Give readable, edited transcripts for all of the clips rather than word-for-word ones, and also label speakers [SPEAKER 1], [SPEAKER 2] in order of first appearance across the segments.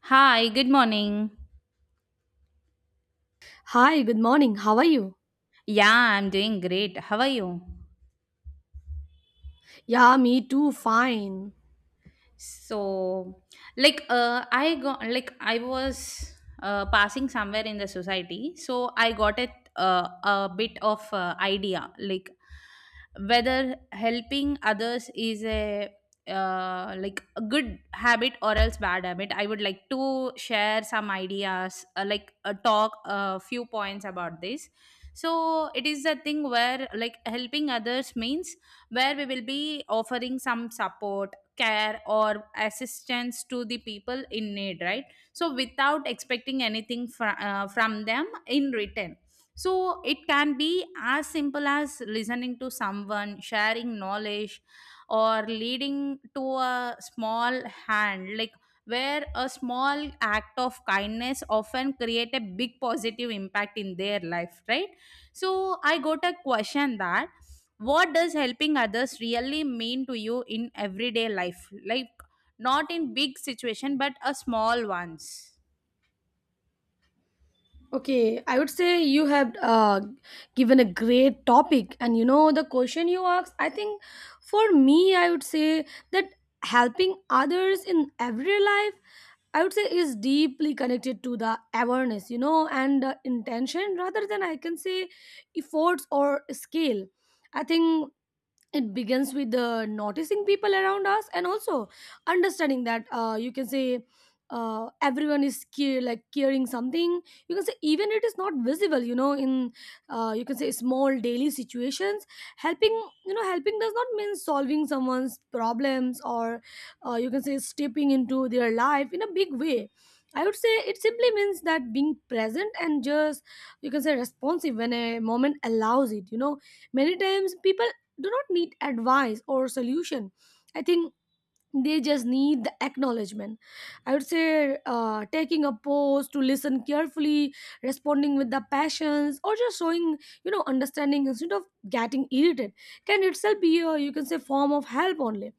[SPEAKER 1] Hi, good morning.
[SPEAKER 2] Hi, good morning. How are you?
[SPEAKER 1] Yeah, I'm doing great. How are you?
[SPEAKER 2] Yeah, me too. Fine.
[SPEAKER 1] So I got like I was passing somewhere in the society, so I got a bit of idea, like whether helping others is a good habit or else bad habit. I would like to share some ideas, talk a few points about this. So it is a thing where, like, helping others means where we will be offering some support, care or assistance to the people in need, right? So without expecting anything from them in return. So it can be as simple as listening to someone, sharing knowledge, or leading to a small hand, like where a small act of kindness often create a big positive impact in their life, right? So I got a question that what does helping others really mean to you in everyday life, like not in big situation but a small ones?
[SPEAKER 2] Okay, I would say you have given a great topic, and the question you asked, I think for me, I would say that helping others in everyday life, I would say, is deeply connected to the awareness, and intention, rather than I can say efforts or scale. I think it begins with noticing people around us, and also understanding that you can say everyone is care, like caring something you can say, even it is not visible in you can say small daily situations. Helping, you know, helping does not mean solving someone's problems or you can say stepping into their life in a big way. I would say it simply means that being present, and just you can say responsive when a moment allows it. Many times people do not need advice or solution. I think they just need the acknowledgement. I would say taking a pause to listen carefully, responding with the passions, or just showing, understanding instead of getting irritated can itself be a, you can say, form of help only.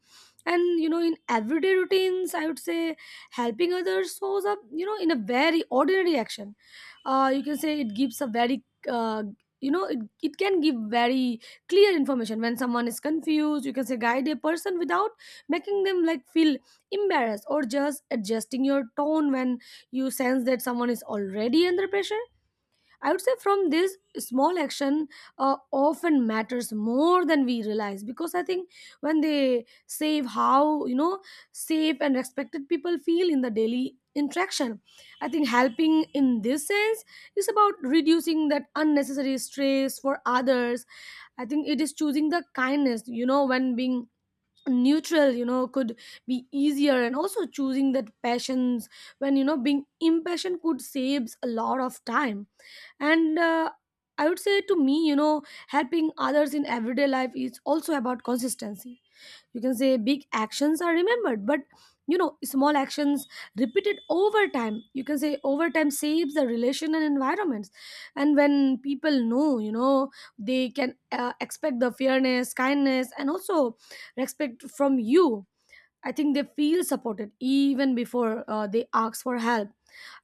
[SPEAKER 2] And in everyday routines, I would say helping others shows up, in a very ordinary action. You can say it gives a very uh, it can give very clear information when someone is confused, you can say, guide a person without making them, like, feel embarrassed, or just adjusting your tone when you sense that someone is already under pressure. I would say from this small action often matters more than we realize, because I think when they save how safe and respected people feel in the daily interaction, I think helping in this sense is about reducing that unnecessary stress for others. I think it is choosing the kindness, when being neutral, could be easier, and also choosing that passions when, being impatient could saves a lot of time. And I would say to me, helping others in everyday life is also about consistency. You can say big actions are remembered, but small actions repeated over time, you can say, over time saves the relation and environments. And when people know, they can expect the fairness, kindness, and also respect from you. I think they feel supported even before they ask for help.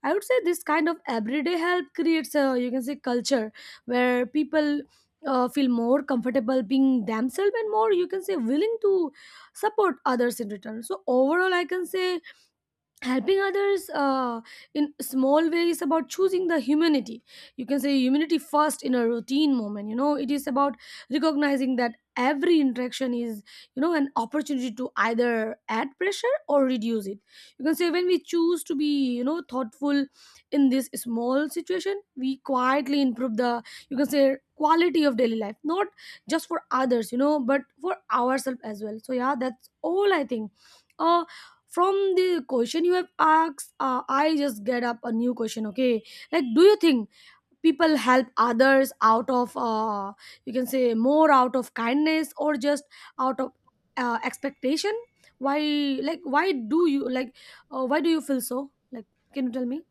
[SPEAKER 2] I would say this kind of everyday help creates a, you can say, culture where people feel more comfortable being themselves, and more, you can say, willing to support others in return. So overall, I can say helping others in small ways about choosing the humanity, you can say, humanity first in a routine moment. It is about recognizing that every interaction is, an opportunity to either add pressure or reduce it. You can say when we choose to be, thoughtful in this small situation, we quietly improve the, you can say, quality of daily life, not just for others, but for ourselves as well. So yeah, that's all I think. uh from the question you have asked, I just get up a new question. Okay, like, do you think people help others out of, you can say, more out of kindness, or just out of expectation? Why? Like, why do you, like, why do you feel so? Like, can you tell me?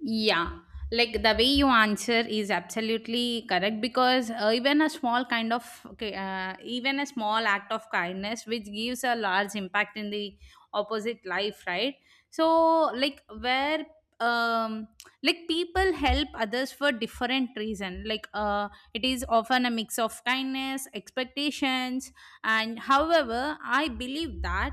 [SPEAKER 1] Yeah, like the way you answer is absolutely correct, because even a small act of kindness which gives a large impact in the opposite life, right? So, like where um people help others for different reason, like it is often a mix of kindness, expectations, and however I believe that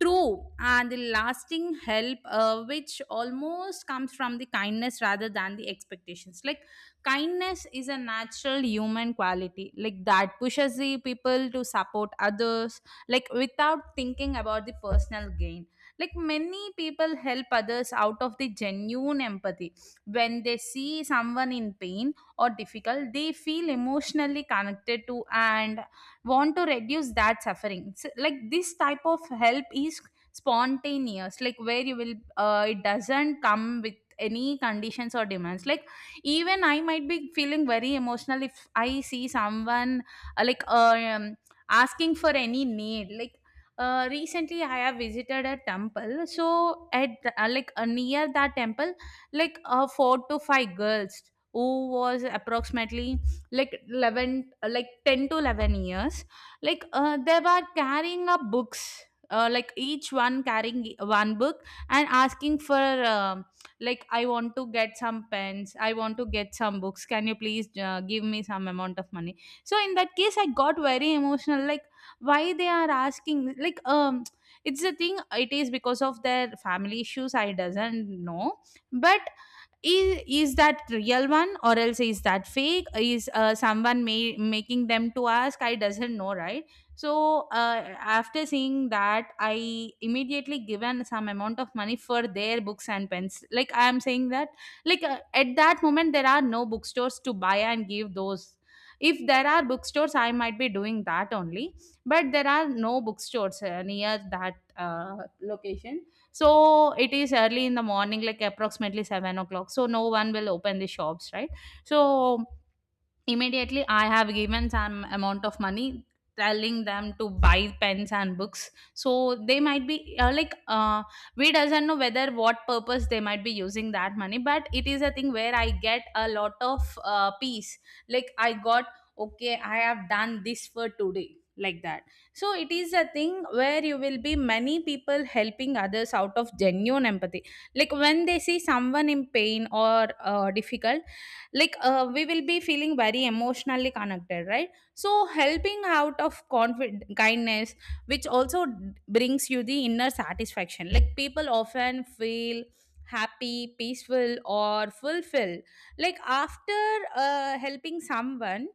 [SPEAKER 1] true, and the lasting help, which almost comes from the kindness rather than the expectations. Like, kindness is a natural human quality, like that pushes the people to support others, like without thinking about the personal gain. Like, many people help others out of the genuine empathy. When they see someone in pain or difficult, they feel emotionally connected to, and want to reduce that suffering. So, like this type of help is spontaneous, like where you will it doesn't come with any conditions or demands. Like even I might be feeling very emotional if I see someone uh, like uh, um, asking for any need. Like recently I have visited a temple, so at near that temple, like four to five girls who was approximately like 11, 10 to 11 years, like they were carrying up books, each one carrying one book and asking for, um I want to get some pens, I want to get some books, can you please give me some amount of money. So in that case I got very emotional, like why they are asking, it's the thing, it is because of their family issues, I doesn't know. But is that real one or else is that fake, is someone making them to ask, I doesn't know, right? So after seeing that, I immediately given some amount of money for their books and pens. Like I am saying that, like at that moment there are no bookstores to buy and give those. If there are bookstores, I might be doing that only, but there are no bookstores near that location. So it is early in the morning, like approximately 7 o'clock. So no one will open the shops, right? So immediately, I have given some amount of money, telling them to buy pens and books. So they might be we doesn't know whether what purpose they might be using that money, but it is a thing where I get a lot of peace. Like I got, okay, I have done this for today, like that. So it is a thing where you will be many people helping others out of genuine empathy. Like when they see someone in pain or difficult, like we will be feeling very emotionally connected, right? So helping out of kindness, which also brings you the inner satisfaction. Like people often feel happy, peaceful or fulfilled, like after helping someone,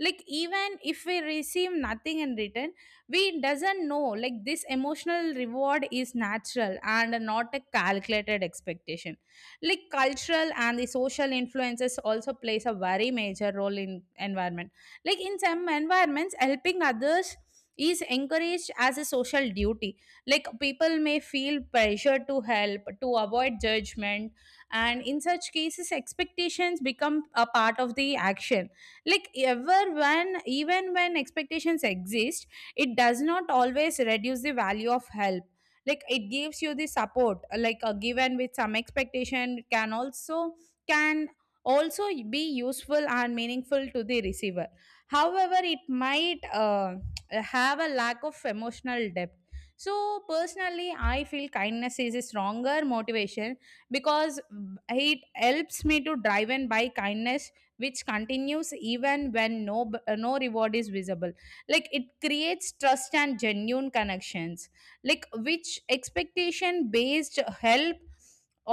[SPEAKER 1] like even if we receive nothing in return, we doesn't know. Like this emotional reward is natural and not a calculated expectation. Like cultural and the social influences also plays a very major role in environment. Like in some environments, helping others is encouraged as a social duty. Like people may feel pressure to help to avoid judgment, and in such cases expectations become a part of the action. Like ever when even when expectations exist, it does not always reduce the value of help. Like it gives you the support, a given with some expectation can also, can also be useful and meaningful to the receiver. However, it might have a lack of emotional depth. So personally I feel kindness is a stronger motivation, because it helps me to drive and by kindness, which continues even when no reward is visible. Like it creates trust and genuine connections, like which expectation based help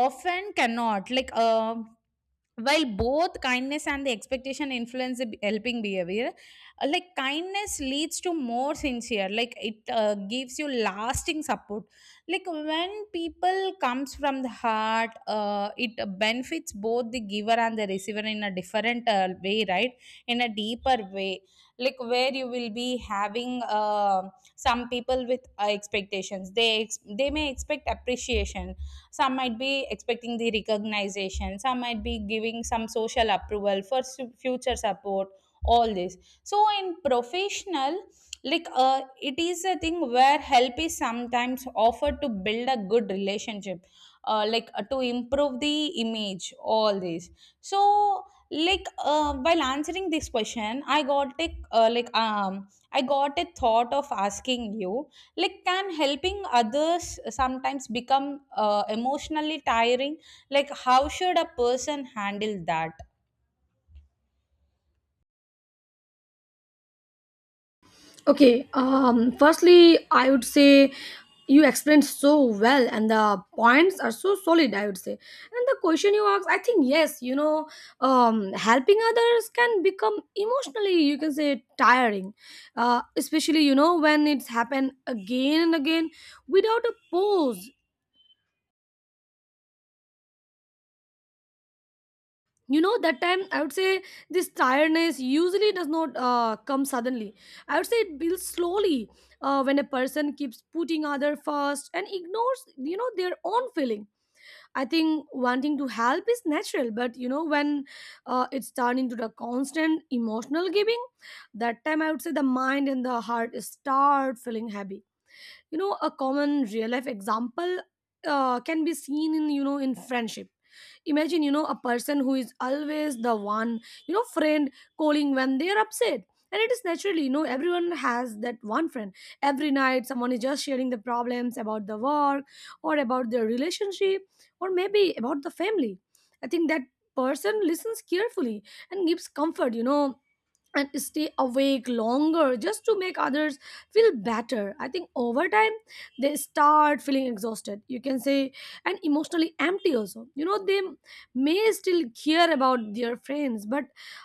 [SPEAKER 1] often cannot. While both kindness and the expectation influence the helping behavior, kindness leads to more sincere, like it gives you lasting support, like when people comes from the heart, it benefits both the giver and the receiver in a different way, right, in a deeper way. Like where you will be having some people with expectations, they may expect appreciation, some might be expecting the recognition, some might be giving some social approval for future support, all this. So in professional, it is a thing where help is sometimes offered to build a good relationship, to improve the image, all this. So, while answering this question, uh, like um I got a thought of asking you, like can helping others sometimes become emotionally tiring, like how should a person handle that?
[SPEAKER 2] Okay, firstly, I would say you explained so well, and the points are so solid, I would say. And the question you asked, I think, yes, helping others can become emotionally, you can say, tiring, especially, when it's happened again and again without a pause. That time I would say this tiredness usually does not come suddenly. I would say it builds slowly when a person keeps putting other first and ignores, their own feeling. I think wanting to help is natural, but when it's turned into the constant emotional giving, that time I would say the mind and the heart start feeling heavy. A common real life example can be seen in, in friendship. Imagine, a person who is always the one, friend, calling when they are upset. And it is naturally, everyone has that one friend. Every night someone is just sharing the problems about the work, or about their relationship, or maybe about the family. I think that person listens carefully and gives comfort, and stay awake longer just to make others feel better. I think over time they start feeling exhausted, you can say, and emotionally empty also. They may still care about their friends, but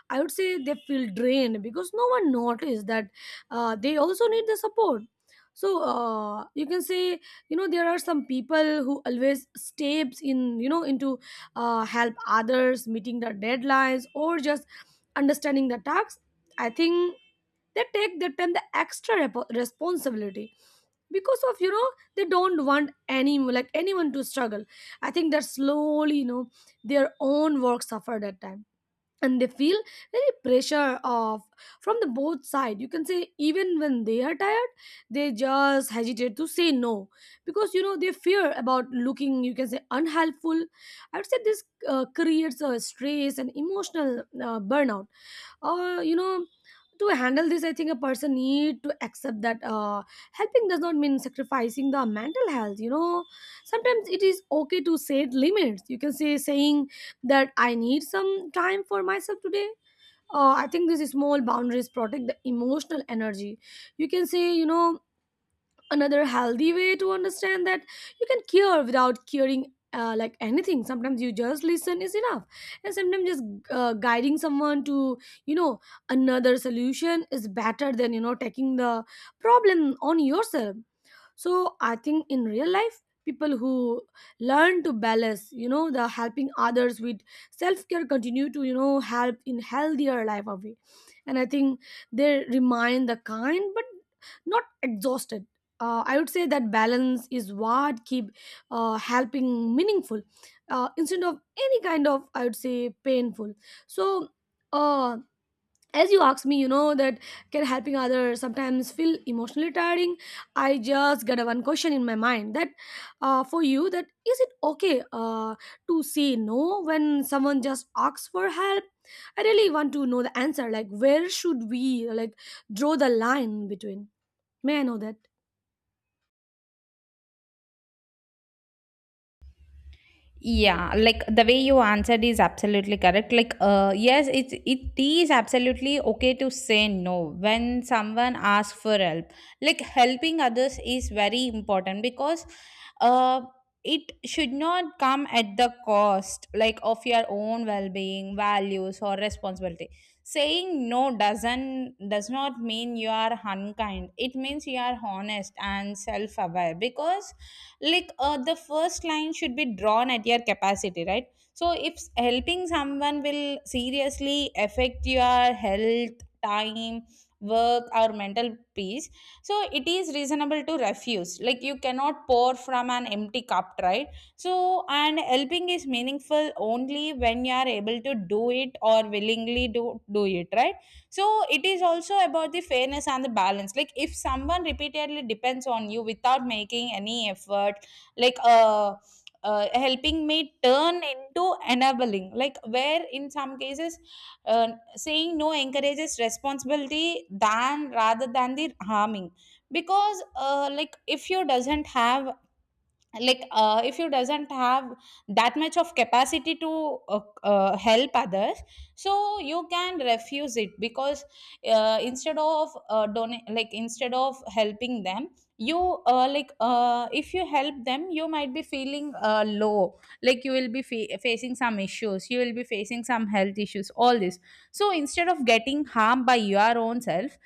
[SPEAKER 2] I would say they feel drained because no one noticed that they also need the support. So you can say, there are some people who always steps in, into help others meeting their deadlines, or just understanding the task. I think they take the time, the extra responsibility, because, of they don't want any, like, anyone to struggle. I think that slowly, their own work suffered at time, and they feel very pressure of from the both side. You can say even when they are tired, they just hesitate to say no, because they fear about looking, you can say, unhelpful. I would say this creates a stress and emotional burnout. Or to handle this, I think a person need to accept that helping does not mean sacrificing the mental health. Sometimes it is okay to set limits. You can say, saying that I need some time for myself today. I think these small boundaries protect the emotional energy, you can say. Another healthy way to understand that you can care without caring, like anything. Sometimes you just listen is enough, and sometimes just guiding someone to, you know another solution is better than, taking the problem on yourself. So I think in real life, people who learn to balance, the helping others with self-care continue to, help in healthier life of it. And I think they remain the kind but not exhausted. I would say that balance is what keep helping meaningful, instead of any kind of, I would say, painful. So uh, as you asked me, that can helping others sometimes feel emotionally tiring. I just got a one question in my mind, that for you, that is it okay, uh, to say no when someone just asks for help? I really want to know the answer, like, where should we, like, draw the line between? May I know that?
[SPEAKER 1] Yeah, like the way you answered is absolutely correct. Like, yes, it is absolutely okay to say no when someone asks for help. Like helping others is very important, because uh, it should not come at the cost, like of your own well-being, values, or responsibility. Saying no does not mean you are unkind. It means you are honest and self-aware, because like the first line should be drawn at your capacity, right? So if helping someone will seriously affect your health, time, work or mental peace, so it is reasonable to refuse, like you cannot pour from an empty cup, right? So and helping is meaningful only when you are able to do it or willingly do it, right? So it is also about the fairness and the balance. Like if someone repeatedly depends on you without making any effort, like helping me turn into enabling. Like where in some cases, uh, saying no encourages responsibility than rather than the harming, because like if you doesn't have that much of capacity to help others, so you can refuse it, because instead of helping them, you if you help them, you might be feeling low, like you will be facing some issues, you will be facing some health issues, all this. So instead of getting harmed by your own self,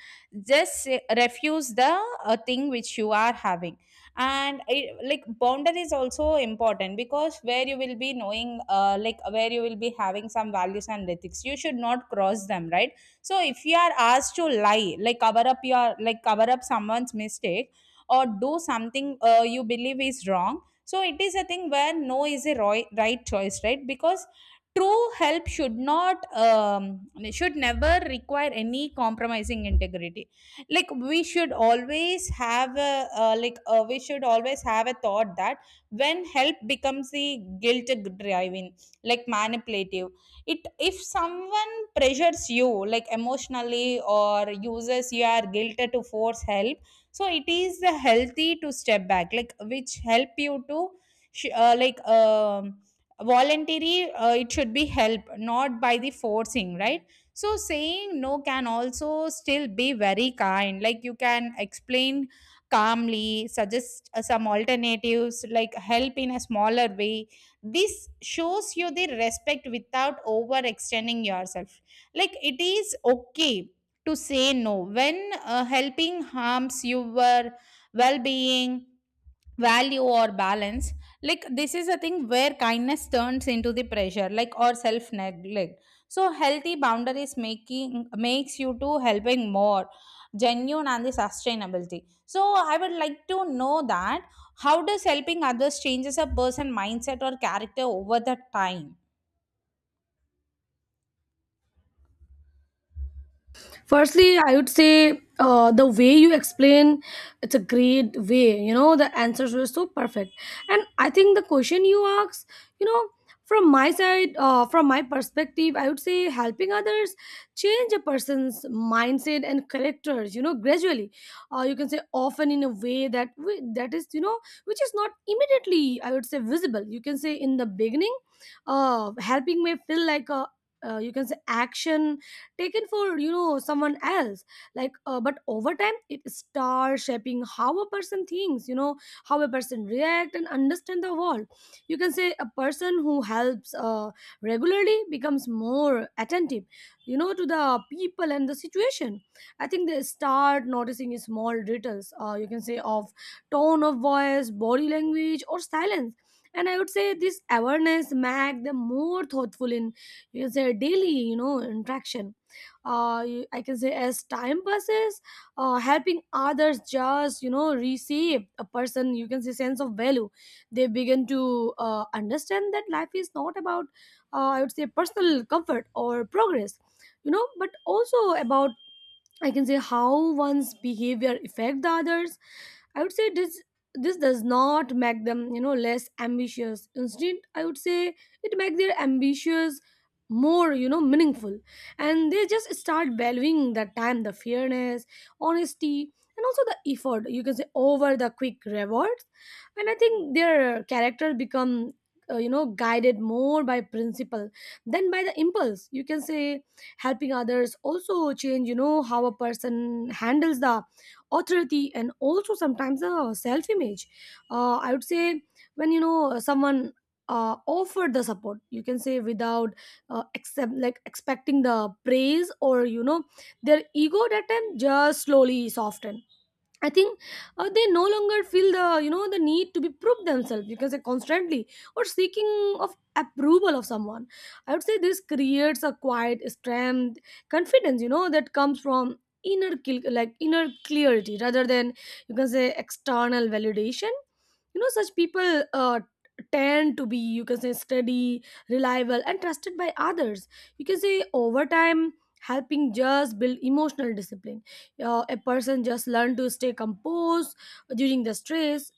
[SPEAKER 1] just refuse the thing which you are having. And it, like boundary is also important, because where you will be knowing, where you will be having some values and ethics you should not cross them, right? So if you are asked to lie, like cover up someone's mistake, or do something you believe is wrong, so it is a thing where no is a right choice, right? Because true help should never require any compromising integrity. Like we should always have a thought that when help becomes the guilt, driving, like manipulative, it if someone pressures you, like emotionally, or uses your guilt to force help, so it is the healthy to step back, like which help you to sh- uh, like um voluntary, it should be help not by the forcing, right? So saying no can also still be very kind. Like you can explain calmly, suggest some alternatives, like help in a smaller way. This shows you the respect without overextending yourself. Like it is okay to say no when helping harms your well being value or balance. Like this is a thing where kindness turns into the pressure, like, or self neglect. So healthy boundaries making makes you to helping more genuine and the sustainability. So I would like to know that how does helping others changes a person mindset or character over the time.
[SPEAKER 2] Firstly, I would say the way you explain, it's a great way, the answers were so perfect. And I think the question you asked, you know from my side, from my perspective, I would say helping others change a person's mindset and characters, gradually, you can say, often in a way that that is, which is not immediately, I would say, visible. You can say in the beginning helping may feel like a, you can say, action taken for, someone else, like, but over time it starts shaping how a person thinks, how a person react and understand the world. You can say a person who helps regularly becomes more attentive, to the people and the situation. I think they start noticing small details, you can say, of tone of voice, body language, or silence. And I would say this awareness make them more thoughtful in, you can say, daily, interaction. I can say as time passes, helping others just, receive a person, you can say, sense of value. They begin to understand that life is not about I would say personal comfort or progress, but also about, I can say, how one's behavior affect the others. I would say this does not make them, less ambitious. Instead, I would say it makes their ambitious more, meaningful, and they just start valuing the time, the fairness, honesty, and also the effort, you can say, over the quick rewards. And I think their character become. You know, guided more by principle than by the impulse, you can say helping others also change you know how a person handles the authority and also sometimes the self image. I would say when you know someone offered the support, you can say without accept like expecting the praise or you know their ego, that time just slowly soften, I think. They no longer feel the you know the need to be prove themselves because they're constantly or seeking of approval of someone. I would say this creates a quiet strength, confidence you know that comes from like inner clarity rather than you can say external validation. You know such people tend to be you can say steady, reliable, and trusted by others. You can say over time helping just build emotional discipline. A person just learn to stay composed during the stress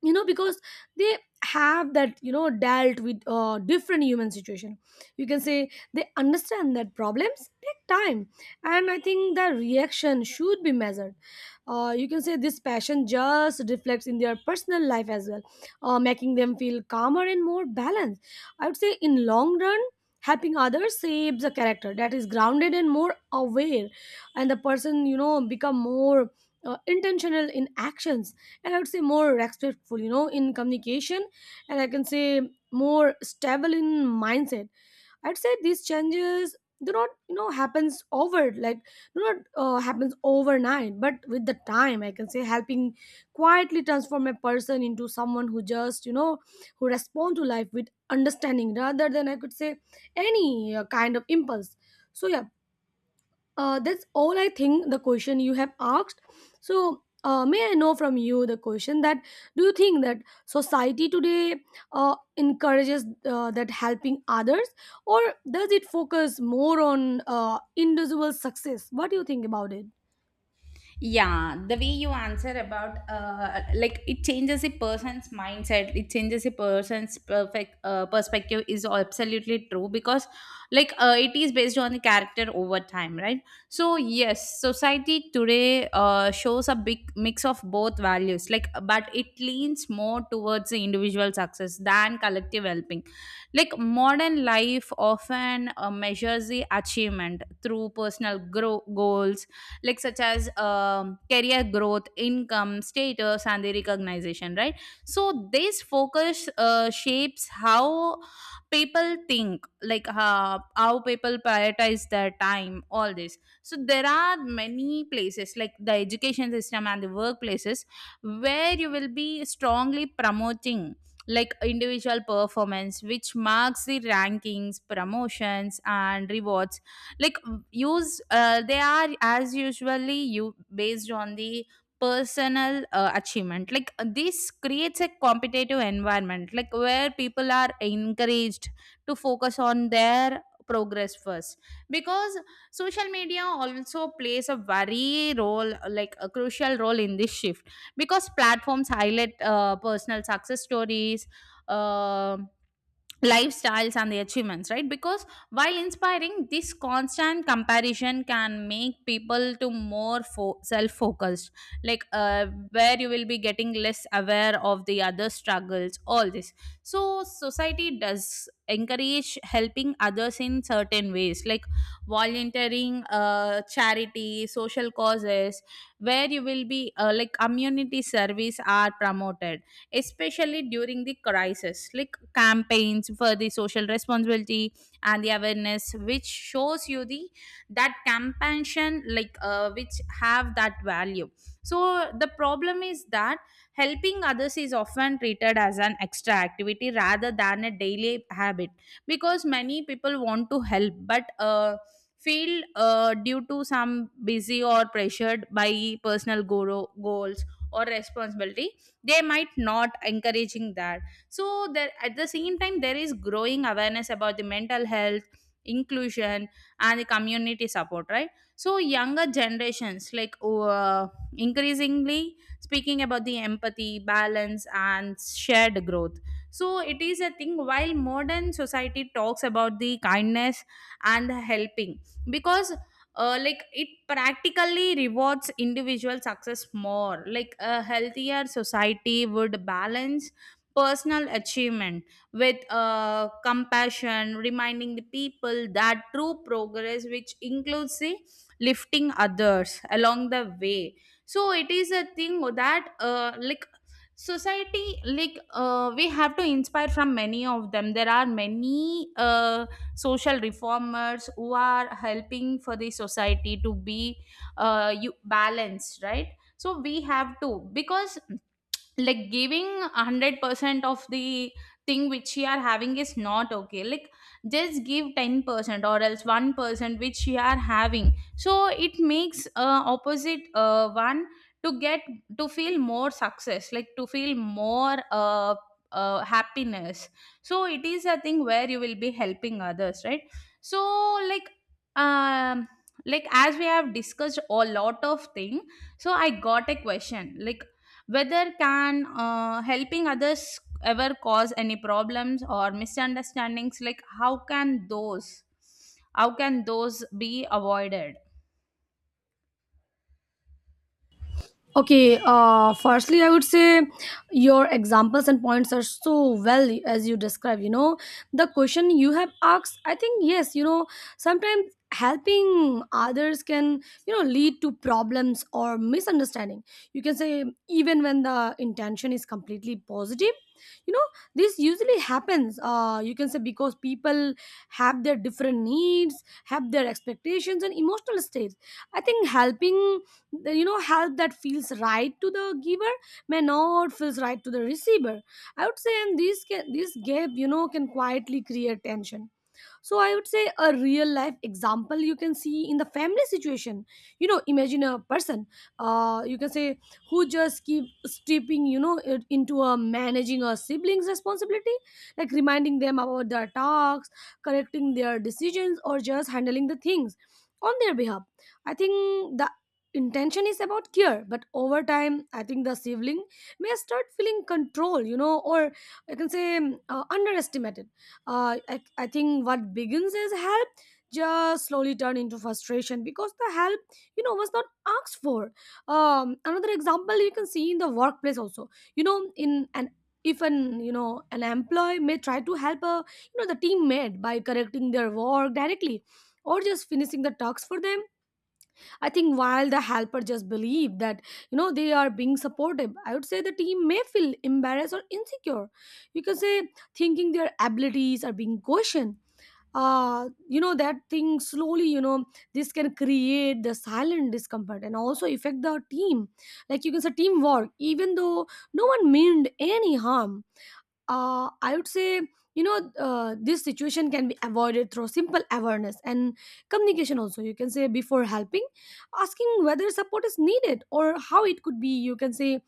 [SPEAKER 2] you know because they have that you know dealt with different human situation, you can say. They understand that problems take time and I think the reaction should be measured. You can say this passion just reflects in their personal life as well, making them feel calmer and more balanced. I would say in long run, helping others shapes a character that is grounded and more aware, and the person you know become more intentional in actions, and I would say more respectful, you know, in communication, and I can say more stable in mindset. I'd say these changes do not, you know, happens over like do not happens overnight, but with the time, I can say helping quietly transform a person into someone who just, you know, who respond to life with understanding rather than I could say any kind of impulse. So yeah, that's all I think the question you have asked. So, may I know from you the question that do you think that society today encourages that helping others or does it focus more on individual success? What do you think about it?
[SPEAKER 1] Yeah, the way you answer about like it changes a person's mindset, it changes a person's perfect perspective is absolutely true because it is based on the character over time, right? So yes, society today shows a big mix of both values, like, but it leans more towards the individual success than collective helping. Like modern life often measures the achievement through goals like such as career growth income status and the recognition, right? So this focus shapes how people think, like, how people prioritize their time, all this. So there are many places like the education system and the workplaces where you will be strongly promoting like individual performance which marks the rankings promotions and rewards. Like use they are as usually you based on the personal achievement. This creates a competitive environment like where people are encouraged to focus on their progress first because social media also plays a very role, like a crucial role, in this shift because platforms highlight personal success stories, um lifestyles and the achievements, right? Because while inspiring, this constant comparison can make people to more self-focused like where you will be getting less aware of the other struggles, all this. So society does encourage helping others in certain ways, like volunteering, charity, social causes, where you will be like community service are promoted, especially during the crisis, like campaigns for the social responsibility and the awareness, which shows you the that compassion, which have that value. So the problem is that helping others is often treated as an extra activity rather than a daily habit because many people want to help but feel due to some busy or pressured by goals or responsibility, they might not encouraging that. So there at the same time there is growing awareness about the mental health, inclusion, and the community support, right? So younger generations, like, increasingly speaking about the empathy, balance, and shared growth. So it is a thing while modern society talks about the kindness and helping because like it practically rewards individual success more. Like a healthier society would balance personal achievement with compassion, reminding the people that true progress which includes the lifting others along the way. So it is a thing that, like, society, we have to inspire from many of them. There are many social reformers who are helping for the society to be you balanced, right? So we have to because like giving 100% of the thing which you are having is not okay. Like just give 10% or else 1% which you are having, so it makes opposite one to get to feel more success, like to feel more happiness. So it is a thing where you will be helping others, right? So like, um like as we have discussed a lot of thing, so I got a question like whether can helping others ever cause any problems or misunderstandings? Like how can how can those be avoided?
[SPEAKER 2] Okay, firstly, I would say your examples and points are so well as you describe. You know, the question you have asked, I think, yes, you know, sometimes helping others can, you know, lead to problems or misunderstanding. You can say, even when the intention is completely positive, you know, this usually happens. You can say because people have their different needs, have their expectations, and emotional states. I think helping you know help that feels right to the giver may not feels right to the receiver, I would say. And this can this gap you know can quietly create tension. So I would say a real life example you can see in the family situation. You know, imagine a person, you can say, who just keep stepping you know it into a managing a sibling's responsibility, like reminding them about their tasks, correcting their decisions, or just handling the things on their behalf. I think the intention is about care, but over time I think the sibling may start feeling control, you know, or I can say underestimated. I think what begins as help just slowly turned into frustration because the help you know was not asked for. Another example you can see in the workplace also. You know, in an if an you know an employee may try to help a you know the teammate by correcting their work directly or just finishing the tasks for them, I think. While the helper just believe that you know they are being supportive, I would say the team may feel embarrassed or insecure. You can say thinking their abilities are being questioned. You know that thing slowly. You know this can create the silent discomfort and also affect the team. Like you can say teamwork, even though no one meant any harm. I would say, you know, this situation can be avoided through simple awareness and communication. Also, you can say before helping, asking whether support is needed or how it could be, you can say,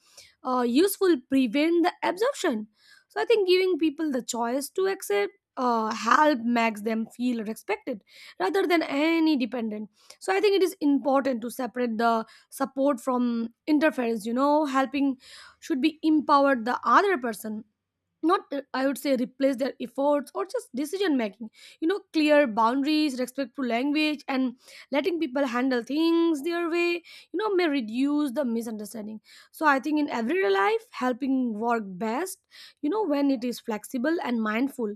[SPEAKER 2] useful prevent the absorption. So, I think giving people the choice to accept help makes them feel respected rather than any dependent. So, I think it is important to separate the support from interference. You know, helping should be empowered the other person, not I would say replace their efforts or just decision making. You know clear boundaries, respectful language, and letting people handle things their way, you know, may reduce the misunderstanding. So I think in everyday life helping work best, you know, when it is flexible and mindful.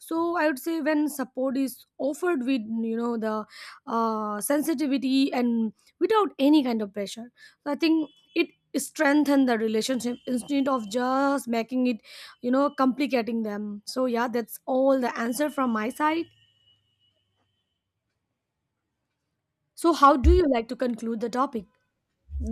[SPEAKER 2] So I would say when support is offered with you know the sensitivity and without any kind of pressure, so I think it strengthen the relationship instead of just making it, you know, complicating them. So, yeah, that's all the answer from my side. So, how do you like to conclude the topic?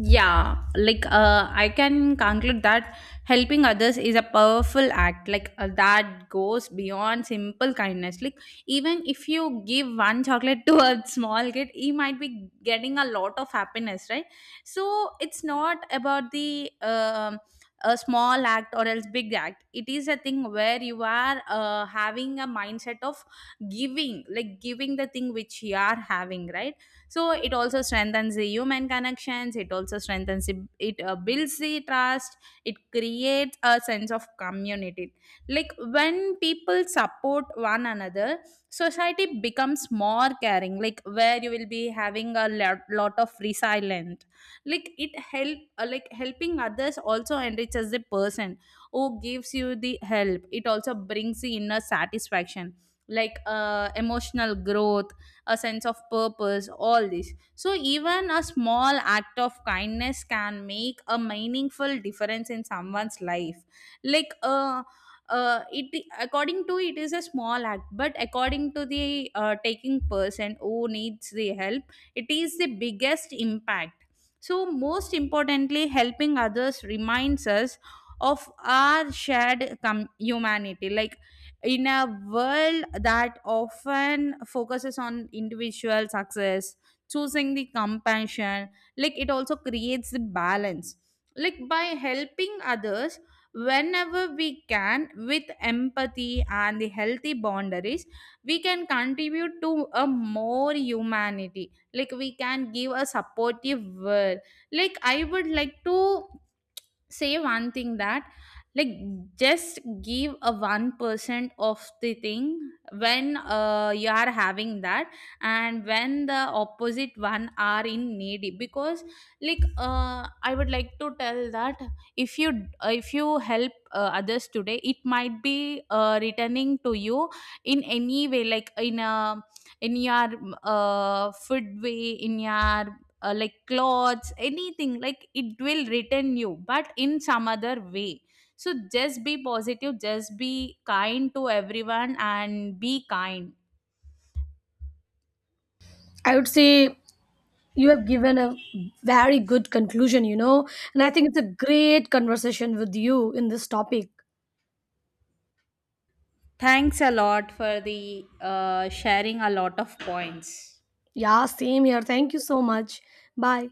[SPEAKER 1] Yeah, like, I can conclude that helping others is a powerful act, that goes beyond simple kindness. Like even if you give one chocolate to a small kid, he might be getting a lot of happiness, right? So it's not about the a small act or else big act. It is a thing where you are having a mindset of giving, like giving the thing which you are having, right? So it also strengthens the human connections, it also it builds the trust, it creates a sense of community. Like when people support one another, society becomes more caring, like where you will be having a lot of resilient. Like it help like helping others also enriches the person who gives you the help. It also brings the inner satisfaction, emotional growth, a sense of purpose, all this. So even a small act of kindness can make a meaningful difference in someone's life. like uh it according to it is a small act, but according to the taking person who needs the help, it is the biggest impact. So most importantly, helping others reminds us of our shared humanity. Like in a world that often focuses on individual success, choosing the compassion, like it also creates the balance. Like by helping others whenever we can with empathy and the healthy boundaries, we can contribute to a more humanity, like we can give a supportive world. Like I would like to say one thing that, like, just give a 1% of the thing when you are having that, and when the opposite one are in needy because, I would like to tell that if you, if you help others today, it might be returning to you in any way, like in a, in your food way, in your like clothes, anything. Like it will return you but in some other way. So just be positive, just be kind to everyone and be kind.
[SPEAKER 2] I would say you have given a very good conclusion, you know, and I think it's a great conversation with you in this topic.
[SPEAKER 1] Thanks a lot for the sharing a lot of points.
[SPEAKER 2] Yeah, same here. Thank you so much. Bye.